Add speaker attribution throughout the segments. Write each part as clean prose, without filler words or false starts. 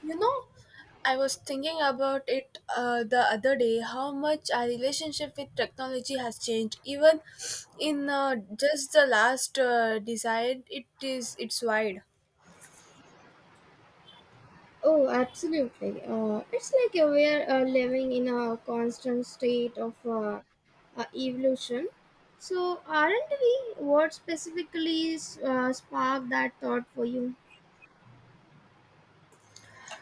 Speaker 1: You know, I was thinking about it the other day how much our relationship with technology has changed. Even in just the last decade, it's wide.
Speaker 2: Oh, absolutely. It's like we're living in a constant state of evolution. So, aren't we? What specifically sparked that thought for you?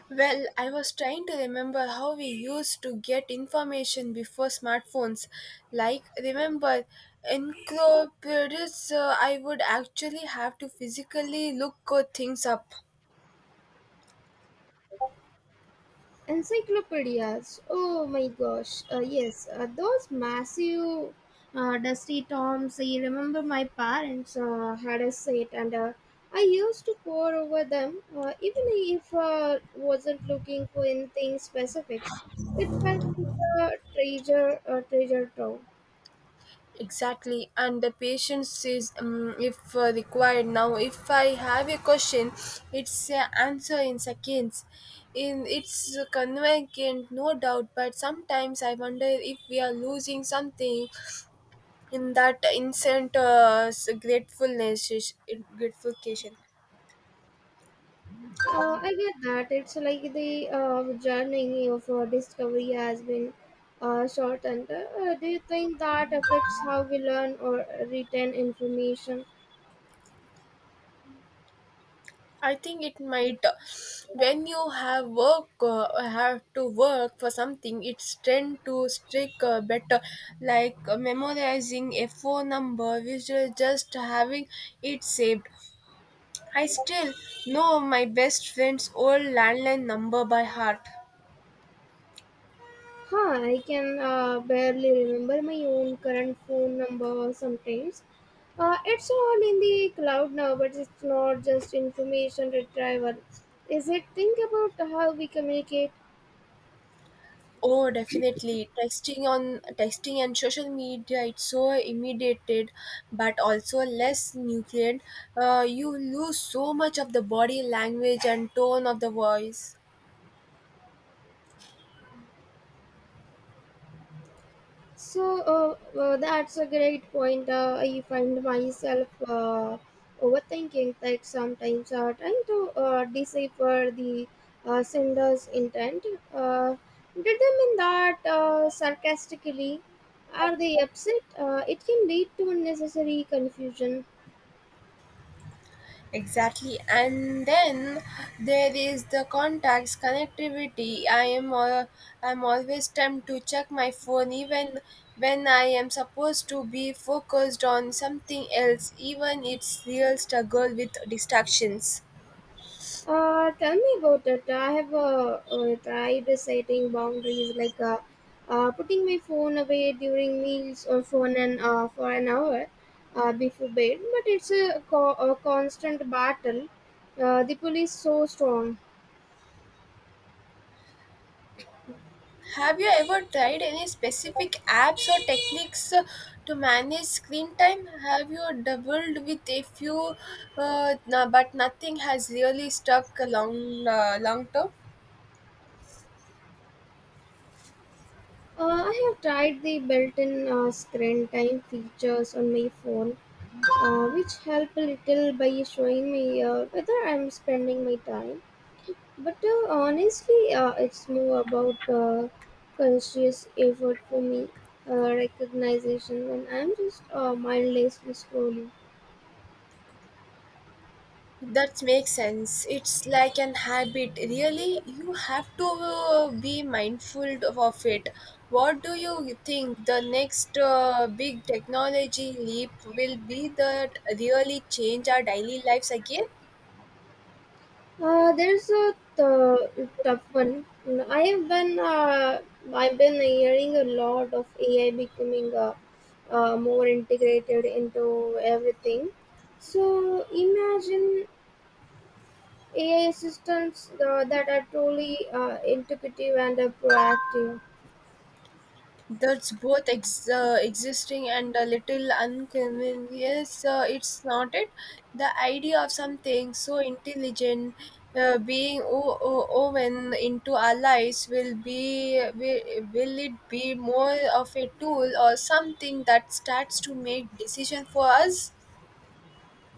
Speaker 1: Well, I was trying to remember how we used to get information before smartphones. Like, remember, encyclopedias, I would actually have to physically look things up.
Speaker 2: Encyclopedias. Oh my gosh. Yes, those massive dusty tomes. I remember my parents had a set and I used to pore over them even if I wasn't looking for anything specific. It felt like a treasure trove.
Speaker 1: Exactly, and the patience is if required. Now, if I have a question, it's answer in seconds. In it's convenient, no doubt. But sometimes I wonder if we are losing something in that instant gratefulness, grateful occasion.
Speaker 2: I get that. It's like the journey of discovery has been shortened. Do you think that affects how we learn or retain information?
Speaker 1: I think it might when you have work have to work for something it's tend to stick better like memorizing a phone number which is just having it saved. I still know my best friend's old landline number by heart.
Speaker 2: Huh, I can barely remember my own current phone number sometimes. It's all in the cloud now, but it's not just information retrieval. Is it? Think about how we communicate.
Speaker 1: Oh, definitely. Texting on texting and social media, it's so immediated, but also less nutrient. You lose so much of the body language and tone of the voice.
Speaker 2: So that's a great point. I find myself overthinking that sometimes, trying to decipher the sender's intent. Uh, did they mean that sarcastically? Are they upset? It can lead to unnecessary confusion.
Speaker 1: Exactly, and then there is the contacts connectivity. I'm always tempted to check my phone even when I am supposed to be focused on something else. Even it's real struggle with distractions.
Speaker 2: Tell me about it. I have tried setting boundaries, like putting my phone away during meals or phone an, for an hour before bed, but it's a, a constant battle. The pull is so strong.
Speaker 1: Have you ever tried any specific apps or techniques to manage screen time? Have you doubled with a few, no, but nothing has really stuck a long term?
Speaker 2: I have tried the built-in screen time features on my phone, which help a little by showing me whether I'm spending my time. But honestly, it's more about conscious effort for me, recognition when I'm just mindlessly scrolling.
Speaker 1: That makes sense. It's like an habit. Really, you have to be mindful of it. What do you think the next big technology leap will be that really change our daily lives again?
Speaker 2: There's a tough one. I have been uh, I've been hearing a lot of AI becoming more integrated into everything. So imagine AI assistants that are truly intuitive and proactive.
Speaker 1: That's both existing and a little inconvenience. It's not it. The idea of something so intelligent being woven into our lives will it be more of a tool or something that starts to make decision for us?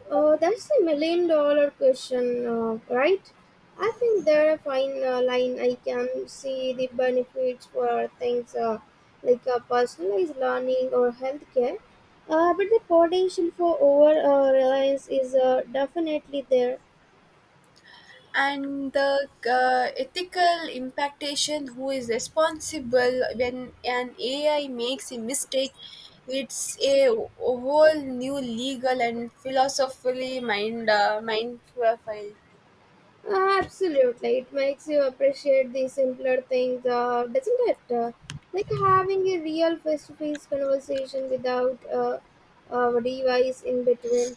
Speaker 2: That's a million dollar question, right? I think there are fine line. I can see the benefits for things like personalized learning or healthcare, but the potential for over reliance is definitely there.
Speaker 1: And the ethical impactation who is responsible when an ai makes a mistake, it's a whole new legal and philosophically mind field.
Speaker 2: Absolutely, it makes you appreciate the simpler things, doesn't it? Like having a real face-to-face conversation without a device in between.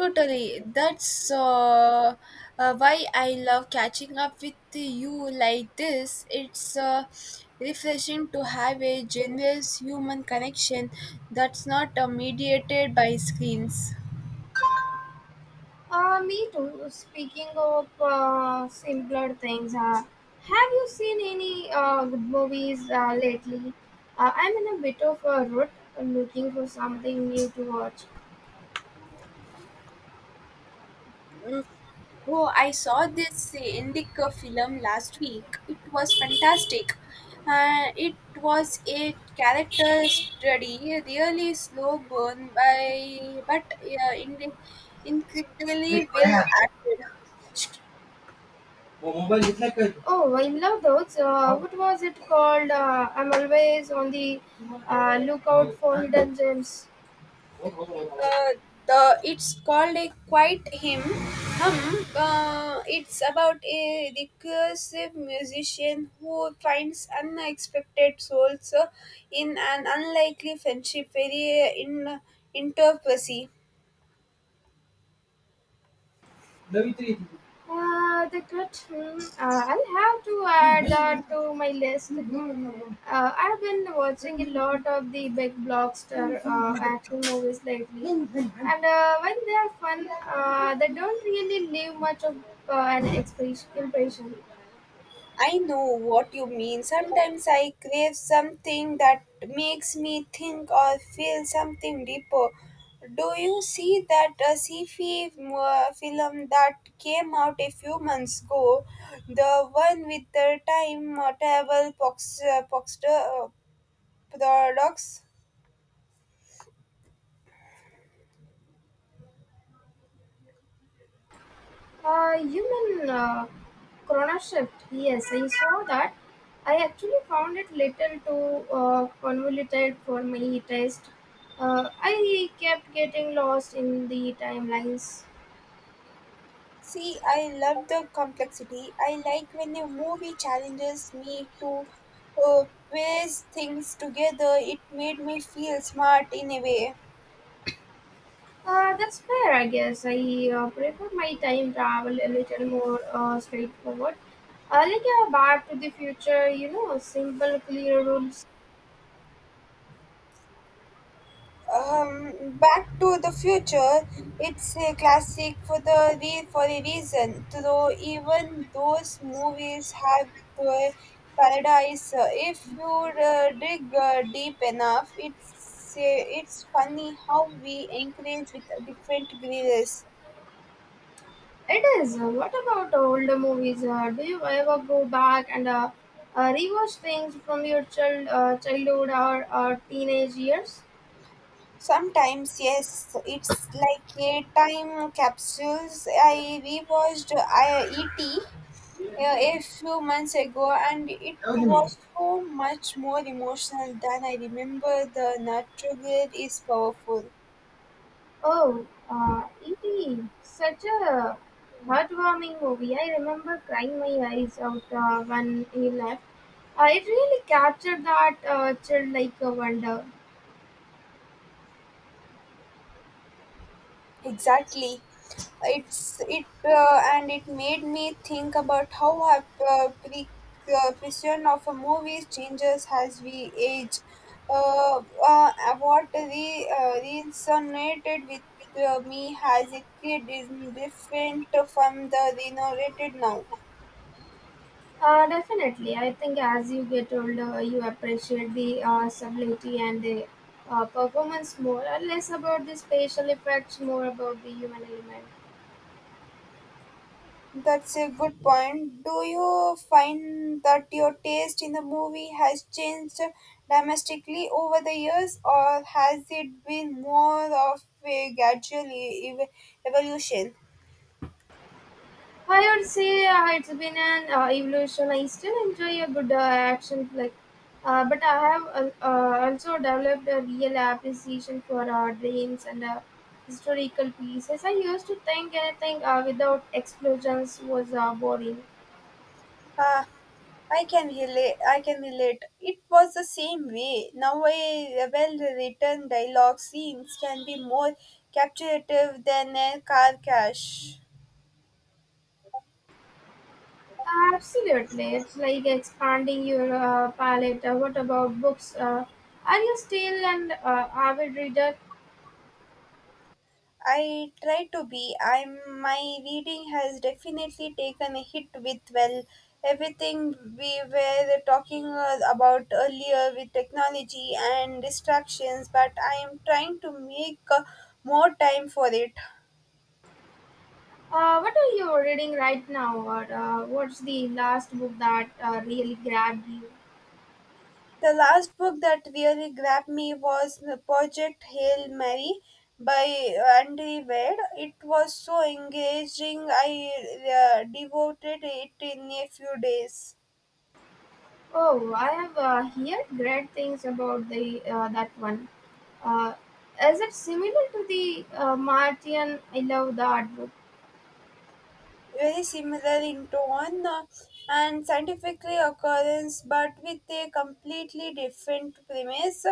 Speaker 1: Totally, that's why I love catching up with you like this, it's refreshing to have a generous human connection that's not mediated by screens.
Speaker 2: Me too. Speaking of simpler things, have you seen any good movies lately? I'm in a bit of a rut looking for something new to watch.
Speaker 1: Oh, I saw this Indic film last week. It was fantastic. It was a character study, really slow burn by, but incredibly well acted.
Speaker 2: Oh, I love those. What was it called? I'm always on the lookout for hidden gems.
Speaker 1: Uh, the It's called a quiet hymn. Hum. It's about a recursive musician who finds unexpected souls in an unlikely friendship, very in interpussy.
Speaker 2: The cut. Hmm, I'll have to add that to my list. I've been watching a lot of the big blockbuster action movies lately, and when they are fun, they don't really leave much of an expression. Impression.
Speaker 1: I know what you mean. Sometimes I crave something that makes me think or feel something deeper. Do you see that sci-fi film that came out a few months ago? The one with the time travel paradox?
Speaker 2: Human chrono shift. Yes, I saw that. I actually found it little too convoluted for my taste. I kept getting lost in the timelines.
Speaker 1: See, I love the complexity. I like when a movie challenges me to uh, piece things together. It made me feel smart in a way.
Speaker 2: That's fair, I guess. I prefer my time travel a little more straightforward. Like a Back to the Future, you know, simple, clear rules.
Speaker 1: Back to the Future, it's a classic for for a reason. Though even those movies have their paradise, if you dig deep enough, it's funny how we encourage with different grades.
Speaker 2: It is. What about older movies? Do you ever go back and rewatch things from your childhood or teenage years?
Speaker 1: Sometimes, yes, it's like a time capsules. I rewatched ET a few months ago, and it was so much more emotional than I remember. The Nutrugal is powerful.
Speaker 2: Oh, E.T. Such a heartwarming movie. I remember crying my eyes out when he left. It really captured that chill like a wonder.
Speaker 1: Exactly. It and it made me think about how our uh, pre- perception of a movie changes as we age. Uh, what resonated with me as a kid is different from the renovated now.
Speaker 2: Definitely. I think as you get older, you appreciate the subtlety and the performance more, and less about the spatial effects, more about the human element.
Speaker 1: That's a good point. Do you find that your taste in the movie has changed domestically over the years, or has it been more of a gradual evolution?
Speaker 2: I would say it's been an evolution. I still enjoy a good action flick, but I have also developed a real appreciation for dreams and historical pieces. I used to think anything without explosions was boring.
Speaker 1: Ah, I can relate. It was the same way. Now, a well-written dialogue scenes can be more captivative than a car crash.
Speaker 2: Absolutely, it's like expanding your palette. What about books? Are you still an avid reader?
Speaker 1: I try to be. I'm my reading has definitely taken a hit with well everything we were talking about earlier with technology and distractions, but I am trying to make more time for it.
Speaker 2: What are you reading right now, or what's the last book that really grabbed you?
Speaker 1: The last book that really grabbed me was Project Hail Mary by Andy Weir. It was so engaging. I devoted it in a few days.
Speaker 2: Oh, I have heard great things about the that one. Uh, is it similar to the Martian? I love that book.
Speaker 1: Very similar in tone and scientifically occurrence, but with a completely different premise.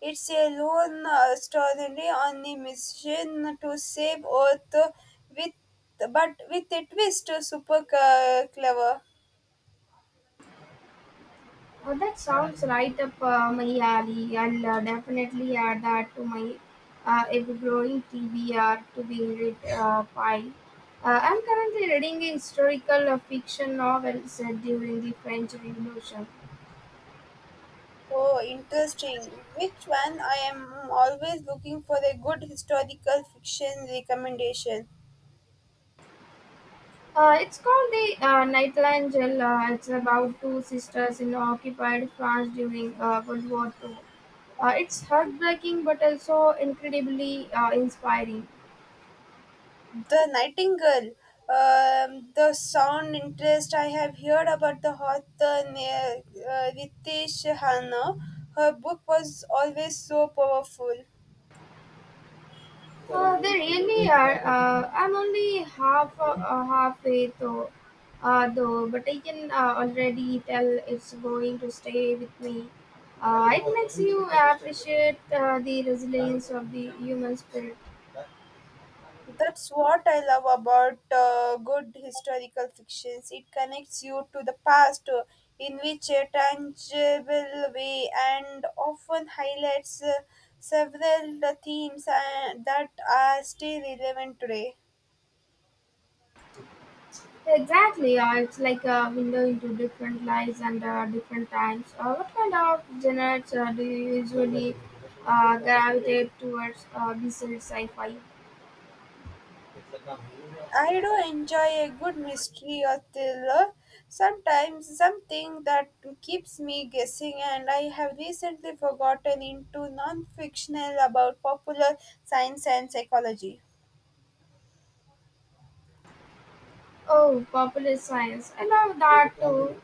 Speaker 1: It's a lone story on a mission to save earth with with a twist, super clever.
Speaker 2: Oh, that sounds right up my alley. I'll definitely add that to my ever-growing TBR, to be read pile. I'm currently reading a historical fiction novel set during the French Revolution.
Speaker 1: Oh interesting, which one? I am always looking for a good historical fiction recommendation.
Speaker 2: It's called the Nightingale. It's about 2 sisters in occupied France during World War II. It's heartbreaking but also incredibly inspiring.
Speaker 1: The Nightingale. The sound interest, I have heard about the author Ritesh Hanna. Her book was always so powerful.
Speaker 2: They really are. I'm only halfway though, but I can already tell it's going to stay with me. It makes you appreciate the resilience of the human spirit.
Speaker 1: That's what I love about good historical fictions. It connects you to the past in which a tangible way, and often highlights several themes that are still relevant today.
Speaker 2: Exactly, it's like a window into different lives and different times. What kind of genres do you usually gravitate towards besides sci-fi?
Speaker 1: I do enjoy a good mystery or thriller. Sometimes something that keeps me guessing, and I have recently forgotten into non-fictional about popular science and psychology.
Speaker 2: Oh, popular science. I love that too.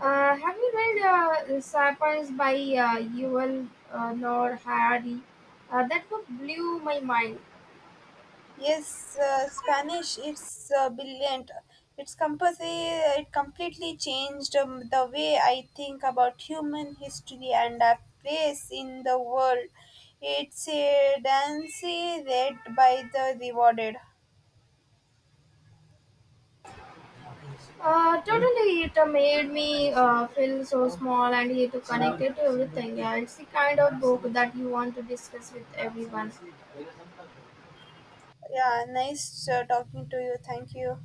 Speaker 2: Have you read *Sapiens* by Yuval Noah Harari? That book blew my mind.
Speaker 1: Yes, Spanish. It's brilliant. It's completely it completely changed the way I think about human history and our place in the world. It's a dancy read by the rewarded.
Speaker 2: Totally, it made me feel so small and here to connect it to everything. Yeah, it's the kind of book that you want to discuss with everyone.
Speaker 1: Yeah, nice talking to you. Thank you.